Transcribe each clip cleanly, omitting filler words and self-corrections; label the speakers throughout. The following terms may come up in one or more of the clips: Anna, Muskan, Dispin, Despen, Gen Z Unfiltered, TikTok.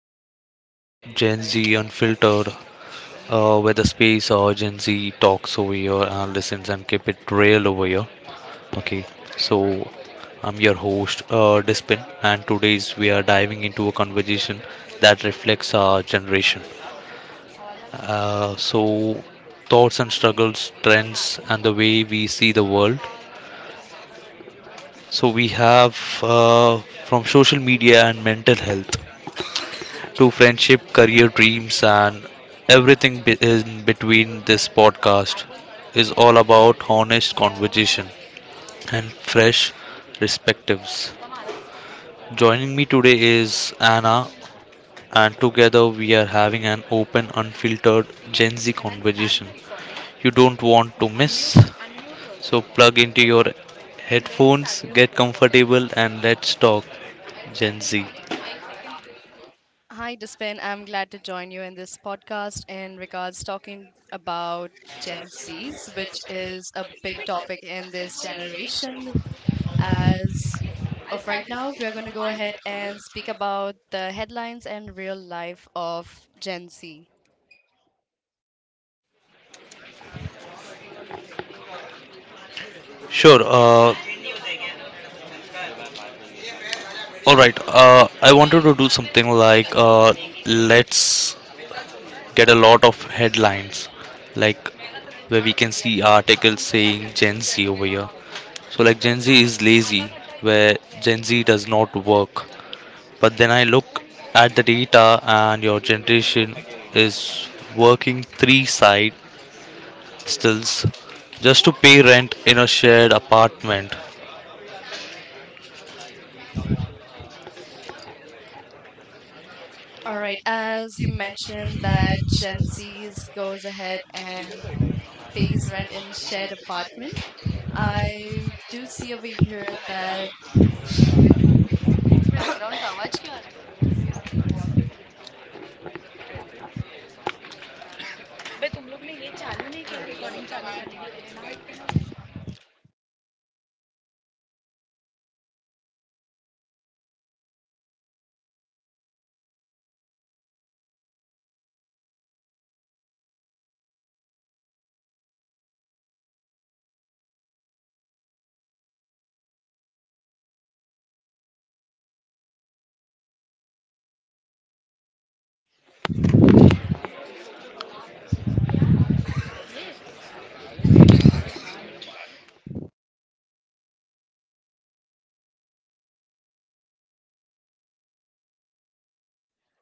Speaker 1: welcome to Gen Z Unfiltered, where the space or Gen Z talks over here and listens and keep it real over here. Okay, so I'm your host, Dispin, and today's we are diving into a conversation that reflects our generation. So, thoughts and struggles, trends, and the way we see the world. So, we have uh, from social media and mental health through friendship, career dreams, and everything in between. This podcast is all about honest conversation and fresh perspectives. Joining me today is Anna, and together we are having an open, unfiltered Gen Z conversation you don't want to miss. So, plug into your headphones, get comfortable, and let's talk Gen Z.
Speaker 2: Hi, Despen. I'm glad to join you in this podcast in regards talking about Gen Zs, which is a big topic in this generation. As of right now, we are going to go ahead and speak about the headlines and real life of Gen Z.
Speaker 1: Sure. All right. I wanted to do something like let's get a lot of headlines, like where we can see articles saying Gen Z over here. So like Gen Z is lazy, where Gen Z does not work. But then I look at the data, and your generation is working three side stills just to pay rent in a shared apartment.
Speaker 2: All right, as you mentioned that Gen Z's goes ahead and pays rent in shared apartment, I do see over here that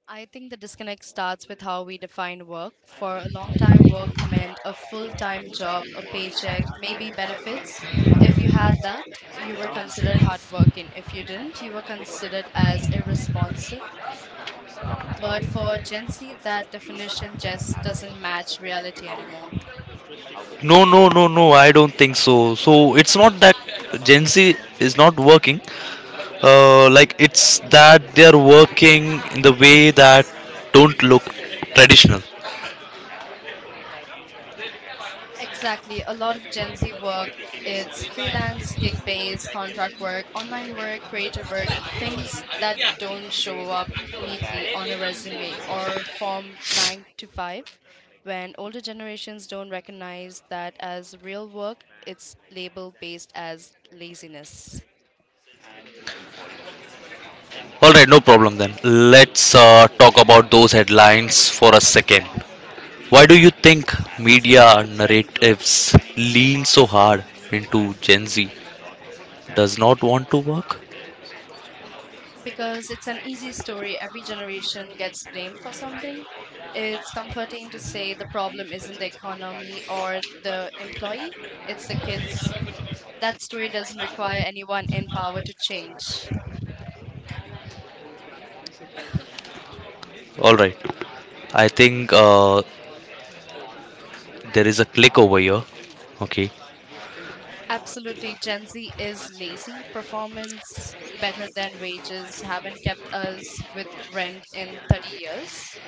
Speaker 2: I think the disconnect starts with how we define work. For a long time, work meant a full time job, a paycheck, maybe benefits. If you had that, you were considered hardworking. If you didn't, you were considered as irresponsible. But for Gen Z, that definition just doesn't match reality anymore.
Speaker 1: No, no, no, no. I don't think so. So it's not that Gen Z is not working. Like it's that they are working in the way that don't look traditional.
Speaker 2: Exactly. A lot of Gen Z work, it's freelance, gig based, contract work, online work, creative work, things that don't show up neatly on a resume or form 9 to 5. When older generations don't recognize that as real work, it's labeled based as laziness.
Speaker 1: All right, no problem, then let's talk about those headlines for a second. Why do you think media narratives lean so hard into Gen Z does not want to work?
Speaker 2: Because it's an easy story, every generation gets blamed for something. It's comforting to say the problem isn't the economy or the employee, it's the kids. That story doesn't require anyone in power to change.
Speaker 1: All right, I think there is a click over here. Okay.
Speaker 2: Absolutely, Gen Z is lazy. Performance better than wages haven't kept us with rent in 30 years.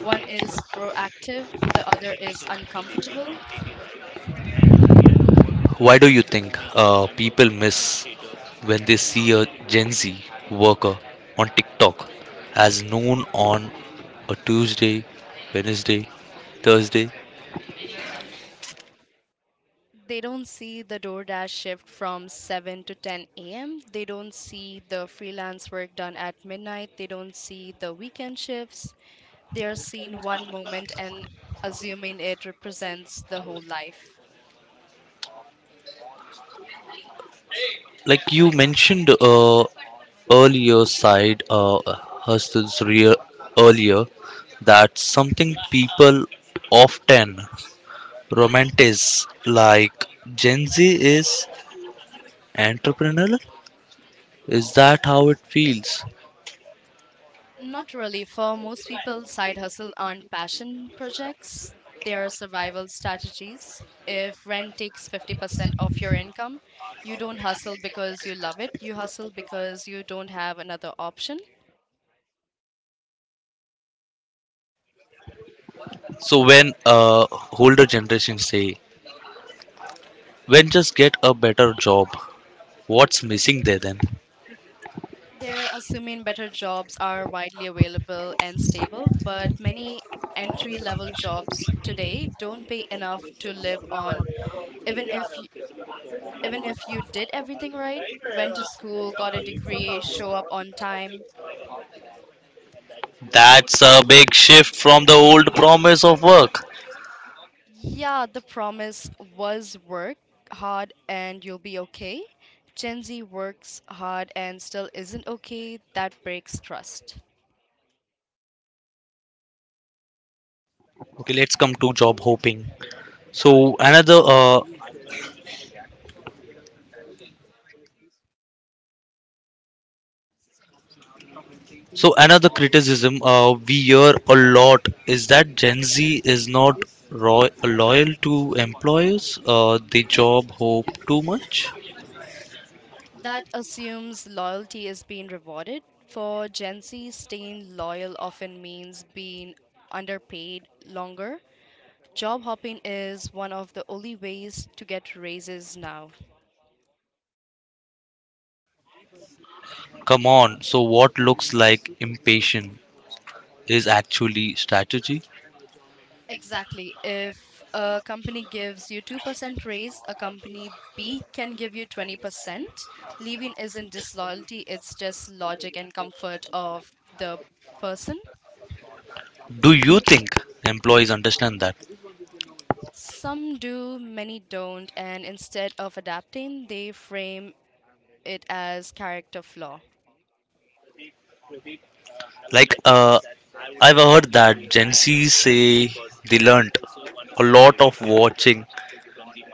Speaker 2: One is proactive, the other is uncomfortable.
Speaker 1: Why do you think people miss when they see a Gen Z worker on TikTok as noon on a Tuesday, Wednesday, Thursday?
Speaker 2: They don't see the DoorDash shift from 7 to 10 a.m. They don't see the freelance work done at midnight. They don't see the weekend shifts. They are seen one moment and assuming it represents the whole life.
Speaker 1: Like you mentioned earlier, side hustles real earlier that something people often romanticize like Gen Z is entrepreneurial. Is that how it feels?
Speaker 2: Not really. For most people, side hustle aren't passion projects, they are survival strategies. If rent takes 50% of your income, you don't hustle because you love it, you hustle because you don't have another option.
Speaker 1: So when older generation say, "When just get a better job," what's missing there then?
Speaker 2: They're assuming better jobs are widely available and stable, but many entry level jobs today don't pay enough to live on even if y- even if you did everything right, went to school, got a degree, show up on time.
Speaker 1: That's a big shift from the old promise of work.
Speaker 2: Yeah, the promise was work hard and you'll be okay. Gen Z works hard and still isn't okay. That breaks trust.
Speaker 1: Okay, let's come to job hoping. So another uh, so another criticism we hear a lot is that Gen Z is not loyal to employers. They job hope too much.
Speaker 2: That assumes loyalty is being rewarded. For Gen Z, staying loyal often means being underpaid longer. Job hopping is one of the only ways to get raises now.
Speaker 1: Come on. So what looks like impatient is actually strategy.
Speaker 2: Exactly. If a company gives you 2% raise, a company B can give you 20%. Leaving isn't disloyalty, it's just logic and comfort of the person.
Speaker 1: Do you think employees understand that?
Speaker 2: Some do, many don't, and instead of adapting, they frame it as character flaw.
Speaker 1: Like, I've heard that Gen Z say they learnt a lot of watching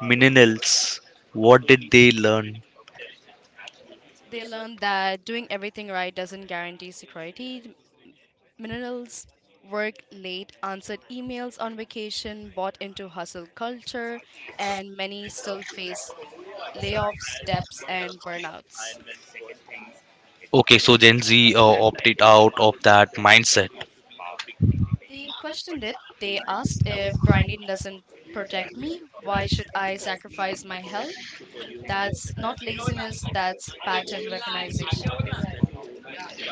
Speaker 1: millennials. What did they learn?
Speaker 2: They learn that doing everything right doesn't guarantee security. Minerals work late, answered emails on vacation, bought into hustle culture, and many still face layoffs, debts, and burnouts.
Speaker 1: Okay, so Gen Z opted out of that mindset.
Speaker 2: They questioned it. They asked if grinding doesn't protect me, why should I sacrifice my health? That's not laziness, that's pattern recognition.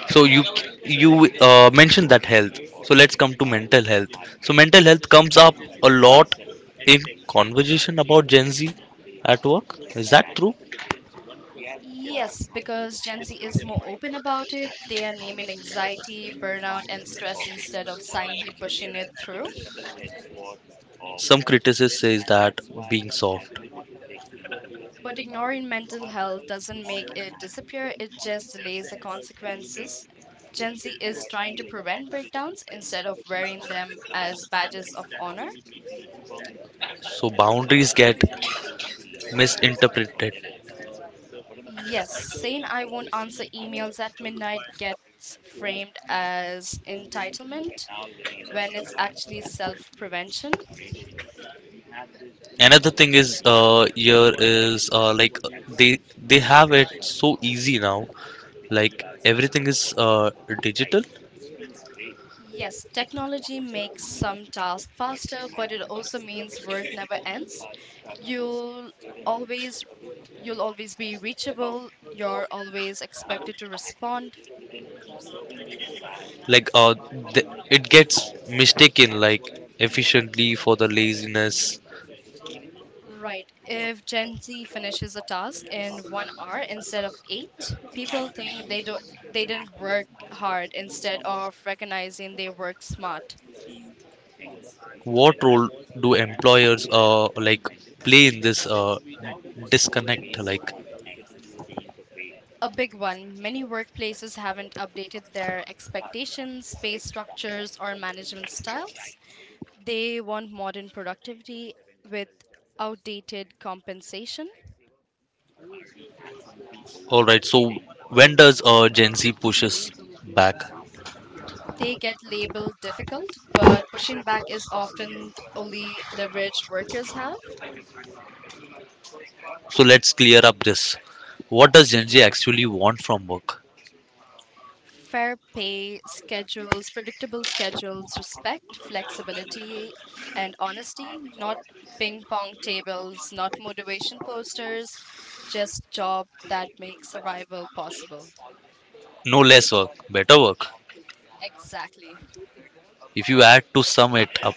Speaker 1: So you mentioned that health. So let's come to mental health. So mental health comes up a lot in conversation about Gen Z at work. Is that true?
Speaker 2: Yes, because Gen Z is more open about it. They are naming anxiety, burnout, and stress instead of silently pushing it through.
Speaker 1: Some criticism says that being soft.
Speaker 2: But ignoring mental health doesn't make it disappear, it just delays the consequences. Gen Z is trying to prevent breakdowns instead of wearing them as badges of honor.
Speaker 1: So boundaries get misinterpreted.
Speaker 2: Yes, saying I won't answer emails at midnight gets framed as entitlement when it's actually self prevention.
Speaker 1: Another thing is here is like they they have it so easy now, like everything is uh digital.
Speaker 2: Yes, technology makes some tasks faster, but it also means work never ends. You'll always you'll always be reachable, you're always expected to respond.
Speaker 1: Like th- it gets mistaken like efficiently for the laziness.
Speaker 2: Right. If Gen Z finishes a task in 1 hour instead of 8, people think they didn't work hard instead of recognizing they work smart.
Speaker 1: What role do employers like play in this disconnect, like?
Speaker 2: A big one. Many workplaces haven't updated their expectations, pay structures, or management styles. They want modern productivity with outdated compensation.
Speaker 1: All right, so when does Gen Z pushes back?
Speaker 2: They get labeled difficult, but pushing back is often only leverage workers have.
Speaker 1: So let's clear up this. What does Gen Z actually want from work?
Speaker 2: Fair pay, schedules, predictable schedules, respect, flexibility, and honesty, not ping pong tables, not motivation posters, just job that makes survival possible.
Speaker 1: No less work, better work.
Speaker 2: Exactly.
Speaker 1: If you had to sum it up,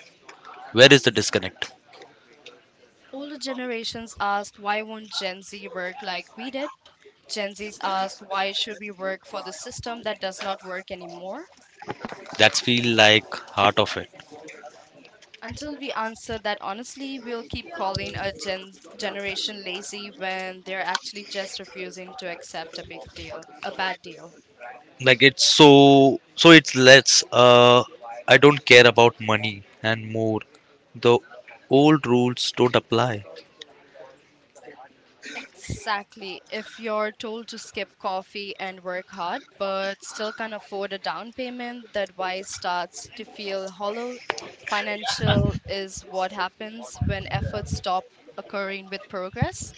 Speaker 1: where is the disconnect?
Speaker 2: Older generations ask, why won't Gen Z work like we did? Gen Zs ask, why should we work for the system that does not work anymore?
Speaker 1: That's feel like heart of it.
Speaker 2: Until we answer that honestly, we'll keep calling a generation lazy when they're actually just refusing to accept a big deal, a bad deal.
Speaker 1: Like it's so so it's less I don't care about money and more. The old rules don't apply.
Speaker 2: Exactly. If you're told to skip coffee and work hard, but still can't afford a down payment, that why starts to feel hollow. Financial is what happens when efforts stop occurring with progress.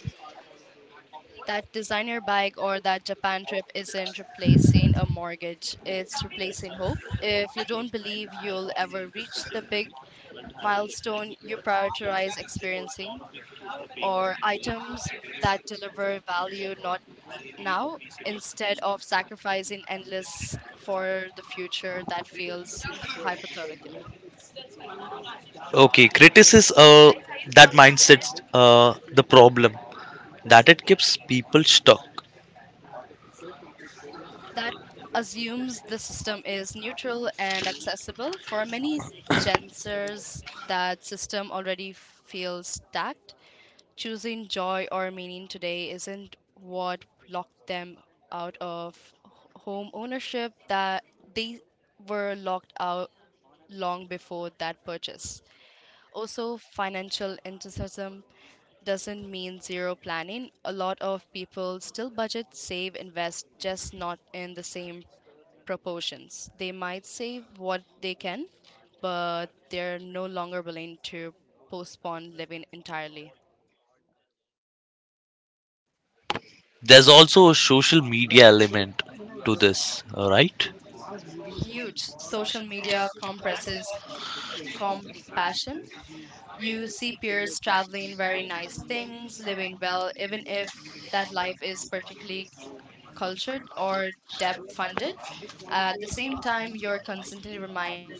Speaker 2: That designer bike or that Japan trip isn't replacing a mortgage, it's replacing hope. If you don't believe you'll ever reach the big milestone you prioritize experiencing, or items that deliver value not now instead of sacrificing endless for the future that feels hypothetical.
Speaker 1: Okay, criticism that mindset's the problem, that it keeps people stuck.
Speaker 2: That assumes the system is neutral and accessible. For many Gen Zers, that system already feels stacked. Choosing joy or meaning today isn't what locked them out of home ownership, that they were locked out long before that purchase. Also, financial enthusiasm doesn't mean zero planning. A lot of people still budget, save, invest, just not in the same proportions. They might save what they can, but they're no longer willing to postpone living entirely.
Speaker 1: There's also a social media element to this, right?
Speaker 2: Huge. Social media compresses compassion. You see peers traveling very nice things, living well, even if that life is particularly cultured or debt funded. At the same time, you're constantly reminded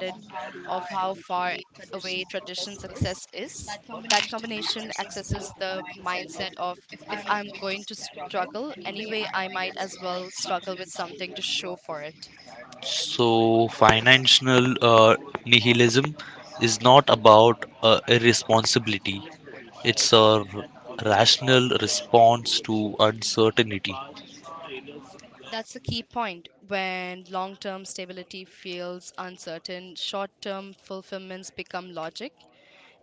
Speaker 2: of how far away tradition success is. That combination accesses the mindset of if I'm going to struggle anyway, I might as well struggle with something to show for it.
Speaker 1: So, financial nihilism is not about irresponsibility, it's a rational response to uncertainty.
Speaker 2: That's the key point. When long term stability feels uncertain, short term fulfillments become logic.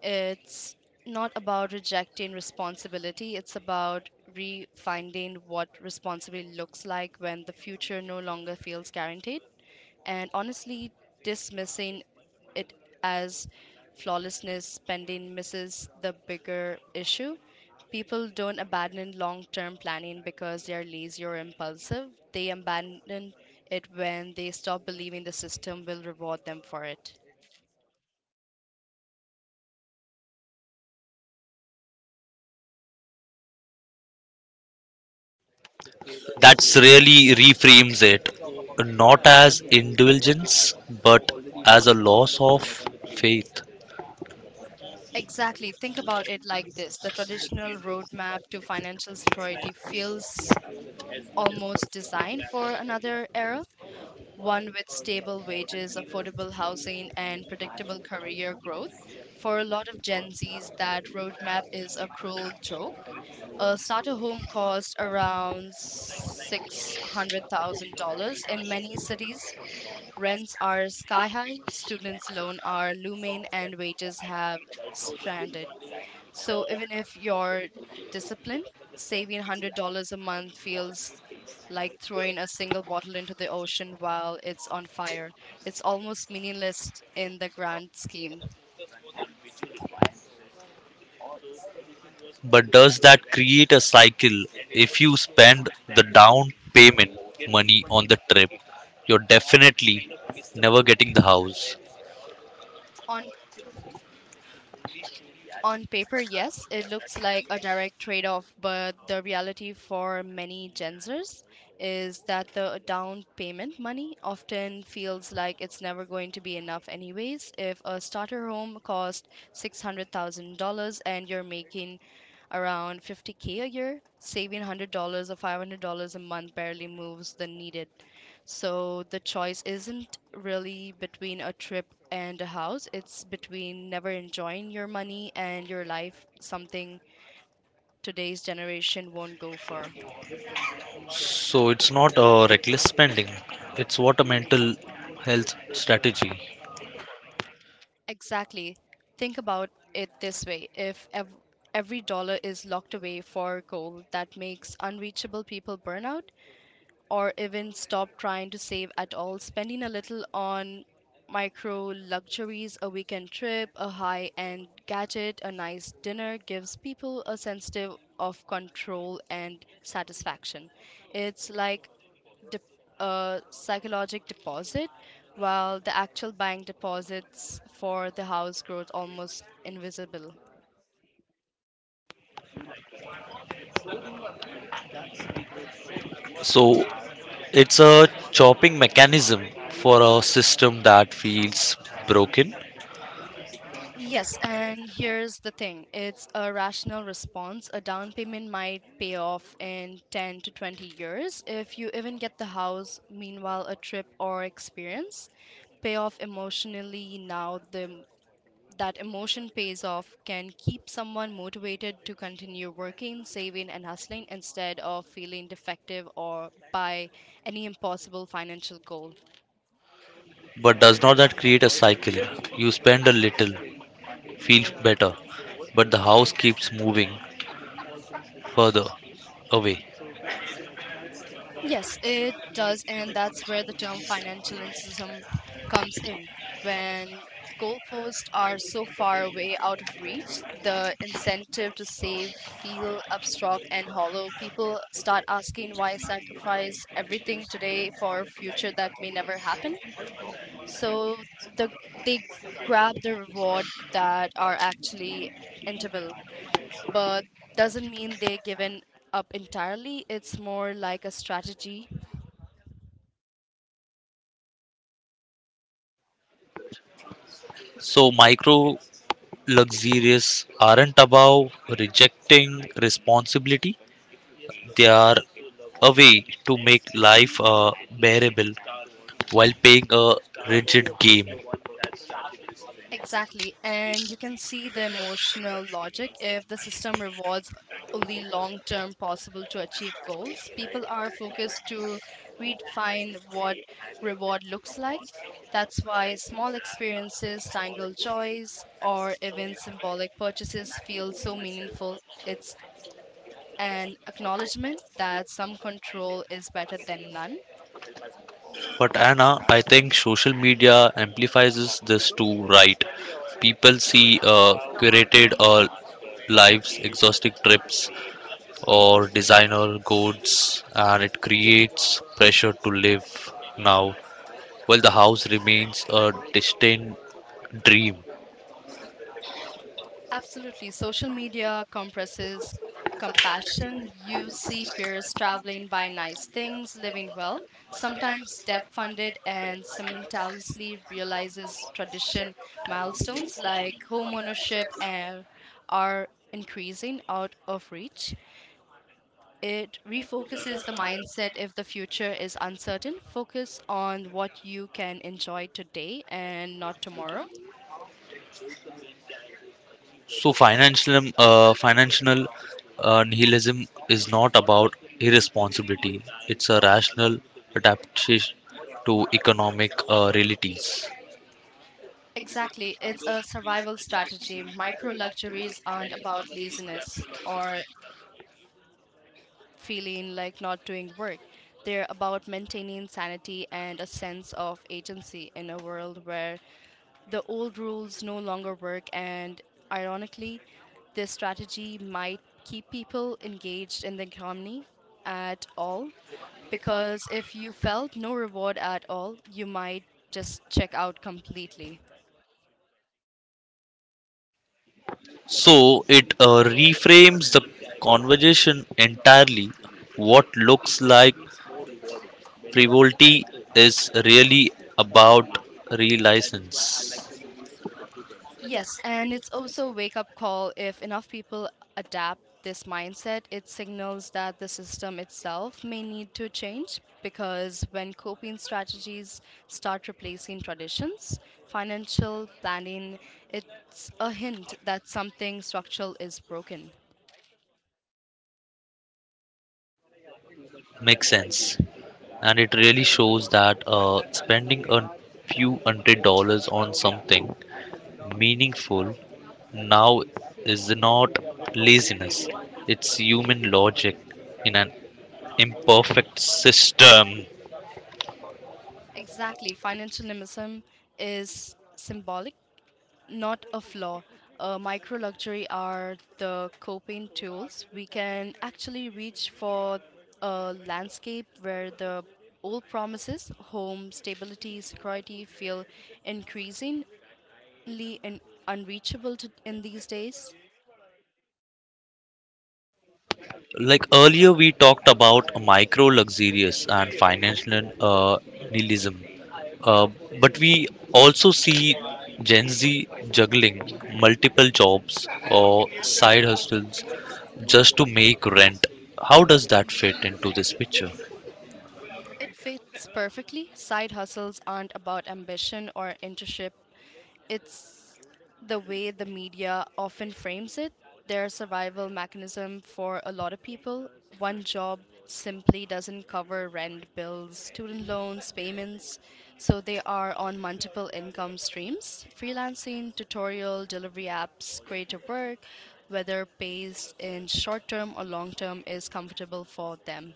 Speaker 2: It's not about rejecting responsibility, it's about refinding what responsibility looks like when the future no longer feels guaranteed. And honestly, dismissing it as flawlessness spending misses the bigger issue. People don't abandon long term planning because they are lazy or impulsive. They abandon it when they stop believing the system will reward them for it.
Speaker 1: That's really reframes it not as indulgence but as a loss of faith.
Speaker 2: Exactly. Think about it like this: the traditional roadmap to financial security feels almost designed for another era, one with stable wages, affordable housing, and predictable career growth. For a lot of Gen Zs, that roadmap is a cruel joke. A starter home costs around $600,000 in many cities. Rents are sky high, students' loans are looming, and wages have stranded. So even if you're disciplined, saving $100 a month feels like throwing a single bottle into the ocean while it's on fire. It's almost meaningless in the grand scheme.
Speaker 1: But does that create a cycle? If you spend the down payment money on the trip, you're definitely never getting the house.
Speaker 2: On on paper, yes, it looks like a direct trade off, but the reality for many Gen Zers is that the down payment money often feels like it's never going to be enough, anyways. If a starter home costs $600,000 and you're making around 50K a year, saving $100 or $500 a month barely moves the needed. So the choice isn't really between a trip and a house, it's between never enjoying your money and your life, something today's generation won't go for.
Speaker 1: So it's not a reckless spending, it's what a mental health strategy.
Speaker 2: Exactly. Think about it this way: if ev- every dollar is locked away for gold, that makes unreachable people burn out, or even stop trying to save at all, spending a little on micro luxuries, a weekend trip, a high end gadget, a nice dinner gives people a sense of control and satisfaction. It's like de- a psychological deposit, while the actual bank deposits for the house grows almost invisible.
Speaker 1: So it's a chopping mechanism for a system that feels broken.
Speaker 2: Yes, and here's the thing: it's a rational response. A down payment might pay off in 10 to 20 years if you even get the house. Meanwhile, a trip or experience pay off emotionally now. The, that emotion pays off can keep someone motivated to continue working, saving, and hustling instead of feeling defective or by any impossible financial goal.
Speaker 1: But does not that create a cycle? You spend a little, feel better, but the house keeps moving further away.
Speaker 2: Yes, it does, and that's where the term financialism comes in. When goalposts are so far away out of reach, the incentive to save feel abstract and hollow. People start asking why sacrifice everything today for a future that may never happen. So the they grab the reward that are actually entable, but doesn't mean they given up entirely. It's more like a strategy.
Speaker 1: So, micro luxurious aren't about rejecting responsibility, they are a way to make life bearable while paying a rigid game.
Speaker 2: Exactly. And you can see the emotional logic if the system rewards only long term possible to achieve goals. People are focused to redefine what reward looks like. That's why small experiences, tangled joys, or even symbolic purchases feel so meaningful. It's an acknowledgement that some control is better than none.
Speaker 1: But, Anna, I think social media amplifies this too, right? People see curated or lives, exhausting trips, or designer goals, and it creates pressure to live now. Well, the house remains a distant dream.
Speaker 2: Absolutely. Social media compresses compassion. You see peers traveling, buying nice things, living well, sometimes debt funded, and simultaneously realizes tradition milestones like home ownership and are increasing out of reach. It refocuses the mindset if the future is uncertain. Focus on what you can enjoy today and not tomorrow.
Speaker 1: So financial nihilism is not about irresponsibility. It's a rational adaptation to economic realities.
Speaker 2: Exactly. It's a survival strategy. Micro luxuries aren't about laziness or feeling like not doing work. They're about maintaining sanity and a sense of agency in a world where the old rules no longer work. And ironically, this strategy might keep people engaged in the economy at all. Because if you felt no reward at all, you might just check out completely.
Speaker 1: So it reframes the conversation entirely. What looks like frivolity is really about relicense.
Speaker 2: Yes, and it's also a wake up call. If enough people adapt this mindset, it signals that the system itself may need to change, because when coping strategies start replacing traditions, financial planning, it's a hint that something structural is broken.
Speaker 1: Makes sense. And it really shows that spending a few hundred dollars on something meaningful now is not laziness, it's human logic in an imperfect system.
Speaker 2: Exactly, financial nimbism is symbolic, not a flaw. Micro luxury are the coping tools we can actually reach for. A landscape where the old promises, home stability, security, feel increasingly un- unreachable in these days.
Speaker 1: Like earlier, we talked about micro luxurious and financial nihilism, uh, but we also see Gen Z juggling multiple jobs or side hustles just to make rent. How does that fit into this picture?
Speaker 2: It fits perfectly. Side hustles aren't about ambition or internship. It's the way the media often frames it, their survival mechanism for a lot of people. One job simply doesn't cover rent, bills, student loans, payments, so they are on multiple income streams. Freelancing, tutorial, delivery apps, creative work, whether pays in short term or long term, is comfortable for them.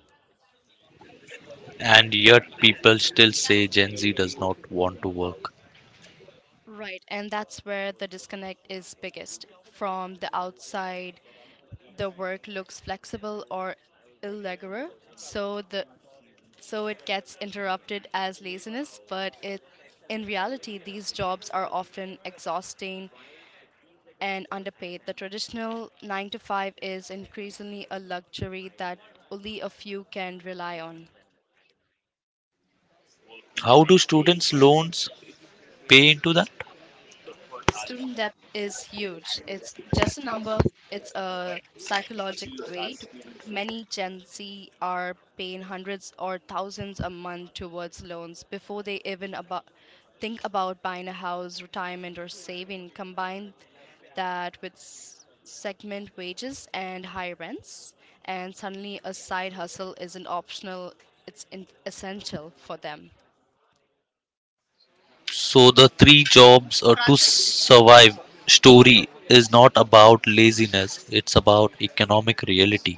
Speaker 1: And yet, people still say Gen Z does not want to work.
Speaker 2: Right, and that's where the disconnect is biggest. From the outside the work looks flexible or irregular, so the so it gets interrupted as laziness, but it in reality these jobs are often exhausting and underpaid. The traditional 9 to 5 is increasingly a luxury that only a few can rely on.
Speaker 1: How do students' loans pay into that?
Speaker 2: Student debt is huge. It's just a number, it's a psychologic weight. Many Gen Z are paying hundreds or thousands a month towards loans before they even about think about buying a house, retirement, or saving. Combine that with segment wages and high rents, and suddenly a side hustle isn't optional, it's essential for them.
Speaker 1: So the three jobs to survive story is not about laziness, it's about economic reality.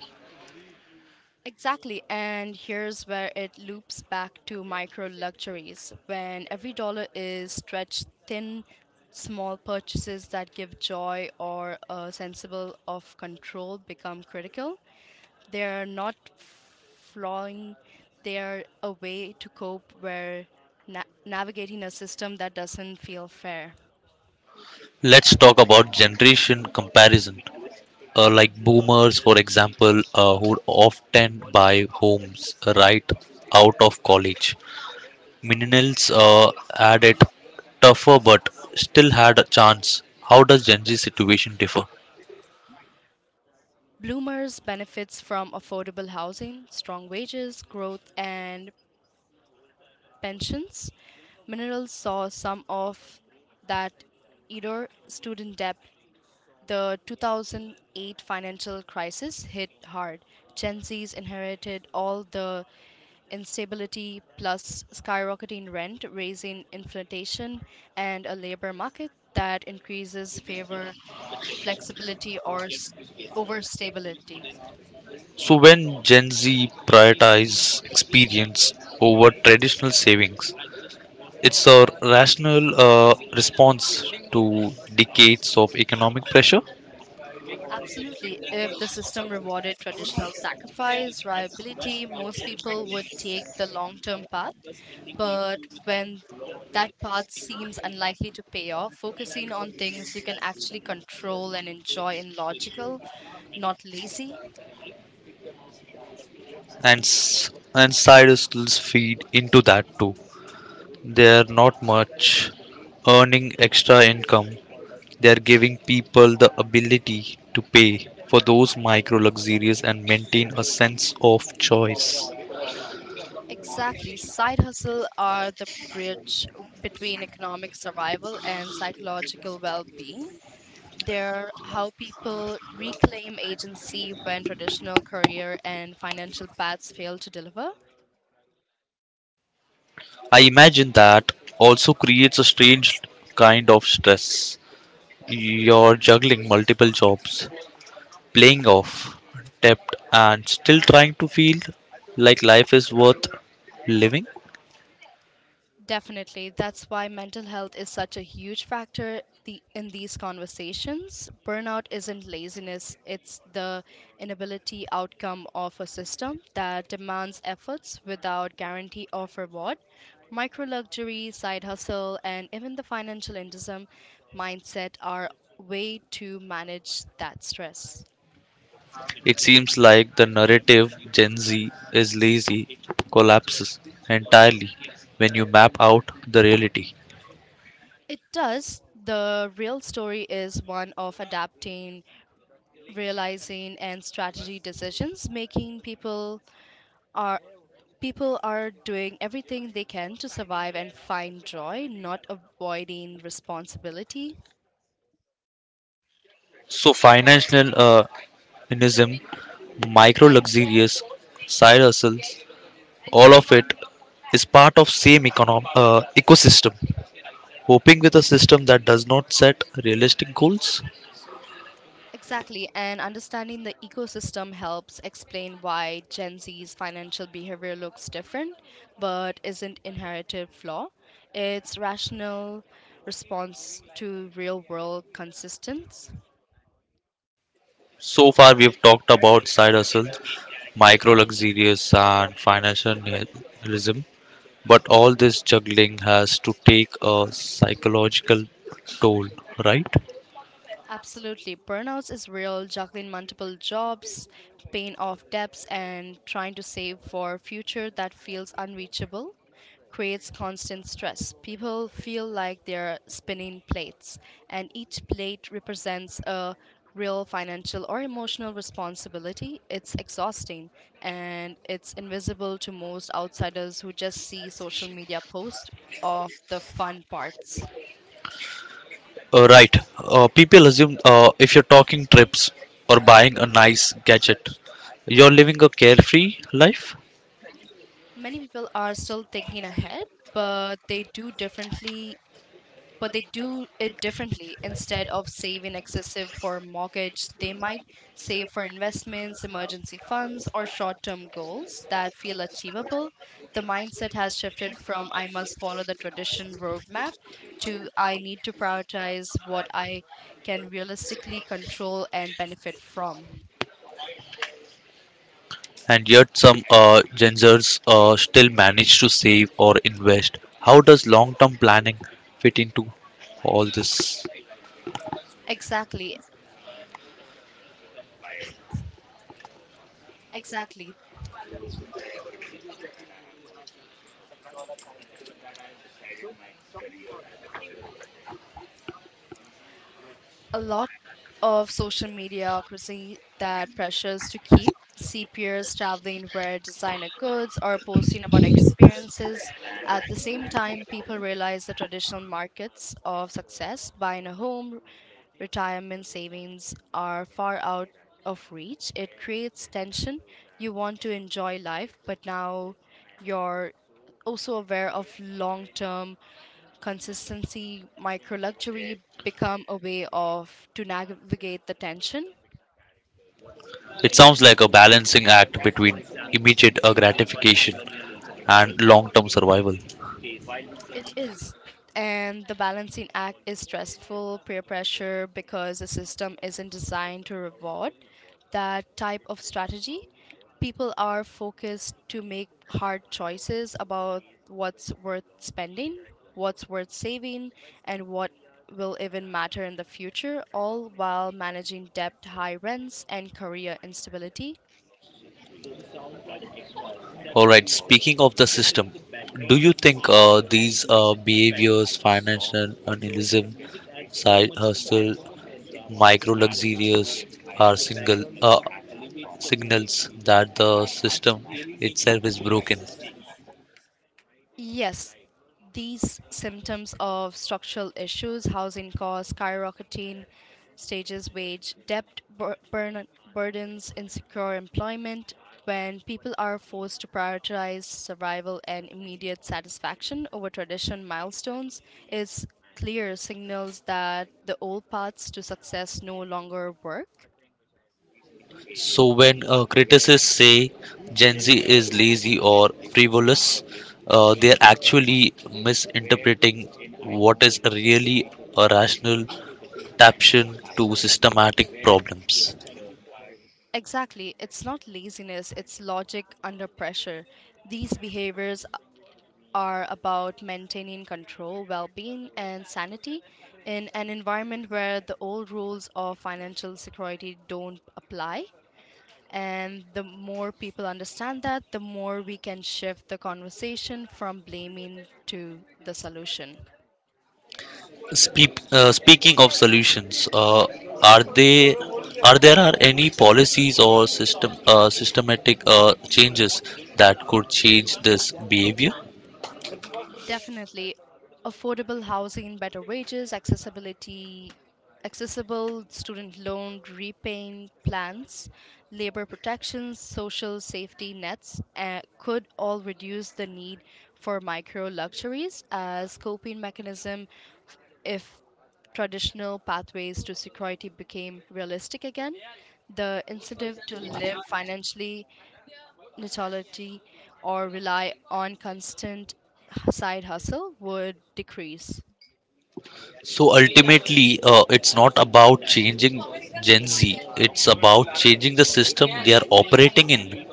Speaker 2: Exactly, and here's where it loops back to micro luxuries. When every dollar is stretched thin, small purchases that give joy or a sensible of control become critical. They're not flawing, they're a way to cope where navigating a system that doesn't feel fair.
Speaker 1: Let's talk about generation comparison. Like boomers, for example, who often buy homes right out of college. Millennials had it tougher but still had a chance. How does Gen Z situation differ?
Speaker 2: Bloomers benefits from affordable housing, strong wages, growth, and pensions. Minerals saw some of that either student debt. The 2008 financial crisis hit hard. Gen Z's inherited all the instability plus skyrocketing rent, raising inflation, and a labor market that increases favor flexibility or s- over stability.
Speaker 1: So when Gen Z prioritize experience over traditional savings, it's a rational response to decades of economic pressure.
Speaker 2: Absolutely. If the system rewarded traditional sacrifice, reliability, most people would take the long term path. But when that path seems unlikely to pay off, focusing on things you can actually control and enjoy in logical, not lazy.
Speaker 1: And s- and sidehustles feed into that too. They are not much earning extra income. They are giving people the ability to pay for those micro luxuries and maintain a sense of choice.
Speaker 2: Exactly. Side hustle are the bridge between economic survival and psychological well being. They're how people reclaim agency when traditional career and financial paths fail to deliver.
Speaker 1: I imagine that also creates a strange kind of stress. You're juggling multiple jobs, playing off debt, and still trying to feel like life is worth living?
Speaker 2: Definitely, that's why mental health is such a huge factor the, in these conversations. Burnout isn't laziness, it's the inability outcome of a system that demands efforts without guarantee of reward. Micro luxury, side hustle, and even the financial indism mindset are way to manage that stress.
Speaker 1: It seems like the narrative Gen Z is lazy collapses entirely when you map out the reality.
Speaker 2: It does. The real story is one of adapting, realizing, and strategy decisions, making are people are doing everything they can to survive and find joy, not avoiding responsibility.
Speaker 1: So, financial inism, micro luxurious side hustles, all of it is part of same ecosystem. Hoping with a system that does not set realistic goals.
Speaker 2: Exactly, and understanding the ecosystem helps explain why Gen Z's financial behavior looks different but isn't inherited flaw. It's rational response to real world consistence.
Speaker 1: So far, we have talked about side hustles, micro luxurious and financial nihilism. But all this juggling has to take a psychological toll, right?
Speaker 2: Absolutely. Burnouts is real, juggling multiple jobs, paying off debts, and trying to save for future that feels unreachable creates constant stress. People feel like they're spinning plates, and each plate represents a real financial or emotional responsibility. It's exhausting, and it's invisible to most outsiders who just see social media posts of the fun parts.
Speaker 1: Right. People assume if you're talking trips or buying a nice gadget, you're living a carefree life.
Speaker 2: Many people are still thinking ahead, but they do differently but they do it differently. Instead of saving excessive for mortgage, they might save for investments, emergency funds, or short-term goals that feel achievable. The mindset has shifted from I must follow the tradition roadmap to I need to prioritize what I can realistically control and benefit from.
Speaker 1: And yet, some gingers still manage to save or invest. How does long term planning fit into all this?
Speaker 2: exactly Exactly. A lot of social media creates that pressures to keep see peers traveling, wear designer goods, or posting about experiences. At the same time, people realize the traditional markets of success, buying a home, retirement savings, are far out of reach. It creates tension. You want to enjoy life, but now you're also aware of long term consistency. Micro luxury become a way of to navigate the tension?
Speaker 1: It sounds like a balancing act between immediate gratification and long term survival.
Speaker 2: It is. And the balancing act is stressful, peer pressure, because the system isn't designed to reward that type of strategy. People are focused to make hard choices about what's worth spending, what's worth saving, and what will even matter in the future, all while managing debt, high rents, and career instability.
Speaker 1: All right, speaking of the system, do you think these behaviors, financial nihilism, side hustle, micro luxurious, are single signals that the system itself is broken?
Speaker 2: Yes, these symptoms of structural issues, housing costs, skyrocketing stages wage, debt burdens, insecure employment, when people are forced to prioritize survival and immediate satisfaction over tradition milestones, is clear signals that the old paths to success no longer work.
Speaker 1: So when critics say Gen Z is lazy or frivolous, they are actually misinterpreting what is really a rational adaptation to systematic problems.
Speaker 2: Exactly, it's not laziness, it's logic under pressure. These behaviors are about maintaining control, well being, and sanity in an environment where the old rules of financial security don't apply. And the more people understand that, the more we can shift the conversation from blaming to the solution.
Speaker 1: Speaking of solutions, are they are there are any policies or system systematic changes that could change this behavior?
Speaker 2: Definitely. Affordable housing, better wages, accessibility, accessible student loan repayment plans, labor protections, social safety nets could all reduce the need for micro luxuries as coping mechanism if traditional pathways to security became realistic again. The incentive to live financially natality or rely on constant side hustle would decrease.
Speaker 1: So ultimately, it's not about changing Gen Z. It's about changing the system they are operating in.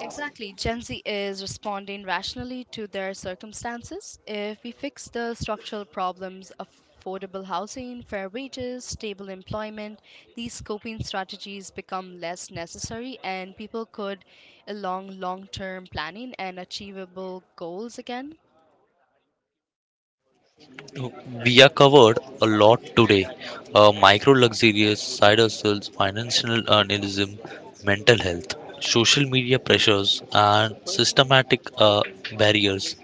Speaker 2: Exactly. Gen Z is responding rationally to their circumstances. If we fix the structural problems, affordable housing, fair wages, stable employment, these coping strategies become less necessary, and people could along long-term planning and achievable goals again.
Speaker 1: So, we are covered a lot today. Micro luxurious side hustles, financial journalism, mental health, social media pressures, and systematic barriers.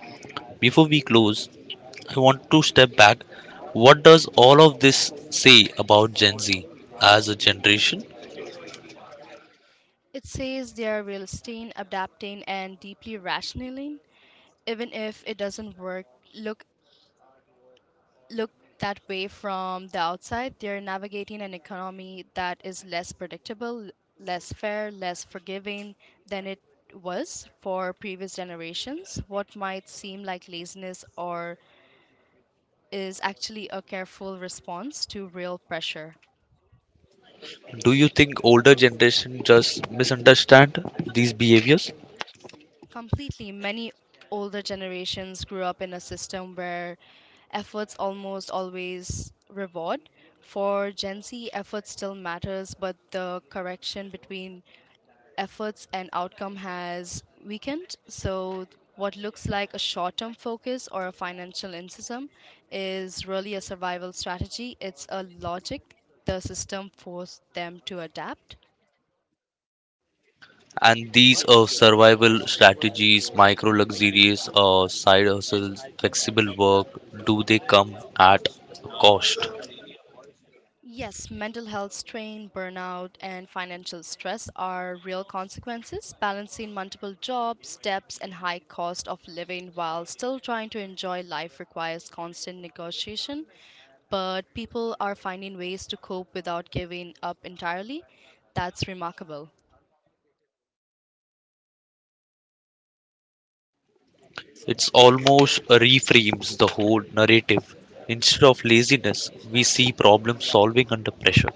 Speaker 1: Before we close, I want to step back. What does all of this say about Gen Z as a generation?
Speaker 2: It says they are realistic, adapting and deeply rationaling, even if it doesn't work look look that way from the outside. They're navigating an economy that is less predictable, less fair, less forgiving than it was for previous generations. What might seem like laziness or is actually a careful response to real pressure.
Speaker 1: Do you think older generation just misunderstand these behaviors?
Speaker 2: Completely. Many older generations grew up in a system where efforts almost always reward. For Gen Z, effort still matters, but the correction between efforts and outcome has weakened. So, what looks like a short term focus or a financial incentivism is really a survival strategy. It's a logic the system forced them to adapt.
Speaker 1: And these are survival strategies, micro luxurious or side hustles, flexible work, do they come at a cost?
Speaker 2: Yes, mental health strain, burnout, and financial stress are real consequences. Balancing multiple jobs, debts, and high cost of living while still trying to enjoy life requires constant negotiation. But people are finding ways to cope without giving up entirely. That's remarkable.
Speaker 1: It's almost reframes the whole narrative. Instead of laziness, we see problem solving under pressure.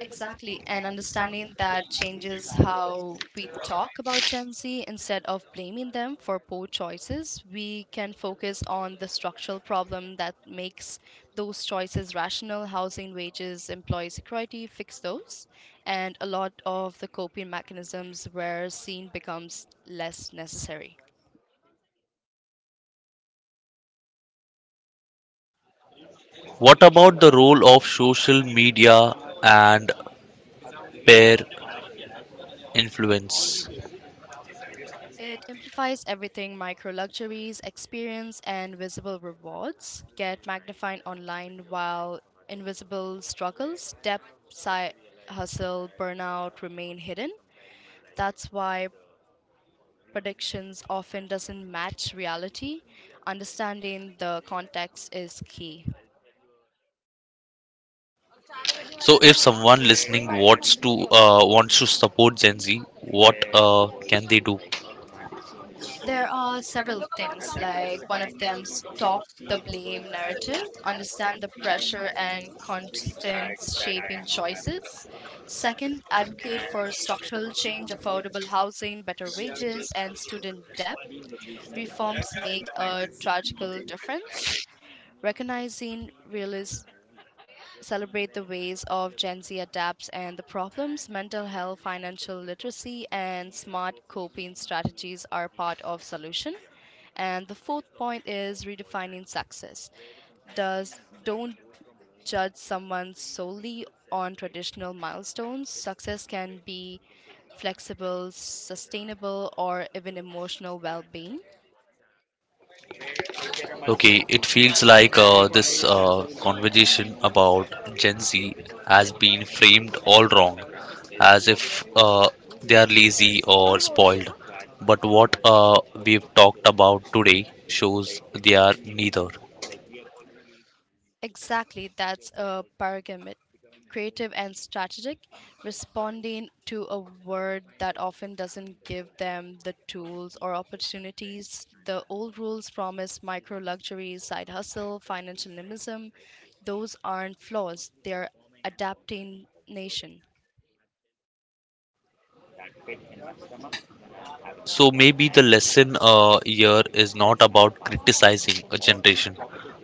Speaker 2: Exactly. And understanding that changes how we talk about Gen Z. Instead of blaming them for poor choices, we can focus on the structural problem that makes those choices rational, housing, wages, employee security, fix those. And a lot of the coping mechanisms where scene becomes less necessary.
Speaker 1: What about the role of social media and peer influence?
Speaker 2: It amplifies everything, micro luxuries, experience, and visible rewards get magnified online, while invisible struggles, debt, side hustle, burnout remain hidden. That's why predictions often doesn't match reality. Understanding the context is key.
Speaker 1: So, if someone listening wants to support Gen Z, what can they do?
Speaker 2: There are several things, like one of them, stop the blame narrative, understand the pressure and constant shaping choices. Second, advocate for structural change, affordable housing, better wages, and student debt. Reforms make a tragical difference. Recognizing realists, celebrate the ways of Gen Z adapts and the problems, mental health, financial literacy, and smart coping strategies are part of solution. And the fourth point is redefining success. Does Don't judge someone solely on traditional milestones. Success can be flexible, sustainable, or even emotional well-being.
Speaker 1: Okay, it feels like this conversation about Gen Z has been framed all wrong, as if they are lazy or spoiled. But what we've talked about today shows they are neither.
Speaker 2: Exactly, that's a paradigm. Creative and strategic, responding to a word that often doesn't give them the tools or opportunities. The old rules promise, micro luxuries, side hustle, financial nimbism. Those aren't flaws, they're adapting nation.
Speaker 1: So maybe the lesson here is not about criticizing a generation,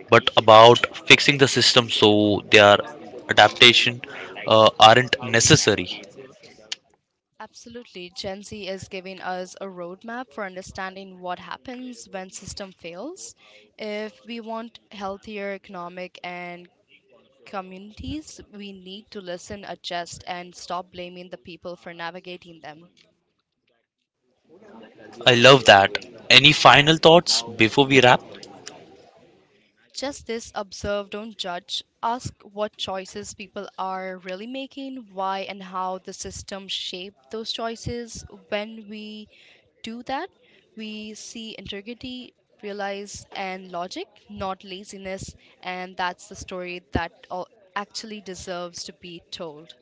Speaker 1: but about fixing the system so their adaptation aren't necessary.
Speaker 2: Absolutely. Gen Z is giving us a roadmap for understanding what happens when system fails. If we want healthier economic and communities, we need to listen, adjust, and stop blaming the people for navigating them.
Speaker 1: I love that. Any final thoughts before we wrap?
Speaker 2: Just this, observe, don't judge. Ask what choices people are really making, why and how the system shaped those choices. When we do that, we see integrity, realize, and logic, not laziness, and that's the story that actually deserves to be told.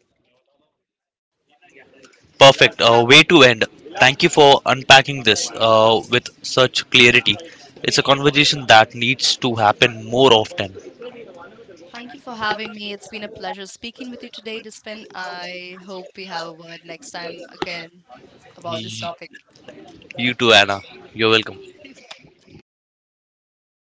Speaker 1: Perfect. Way to end. Thank you for unpacking this with such clarity. It's a conversation that needs to happen more often.
Speaker 2: Thank you for having me. It's been a pleasure speaking with you today, Dispin. I hope we have a word next time again about this
Speaker 1: Y-
Speaker 2: topic.
Speaker 1: You too, Anna. You're welcome.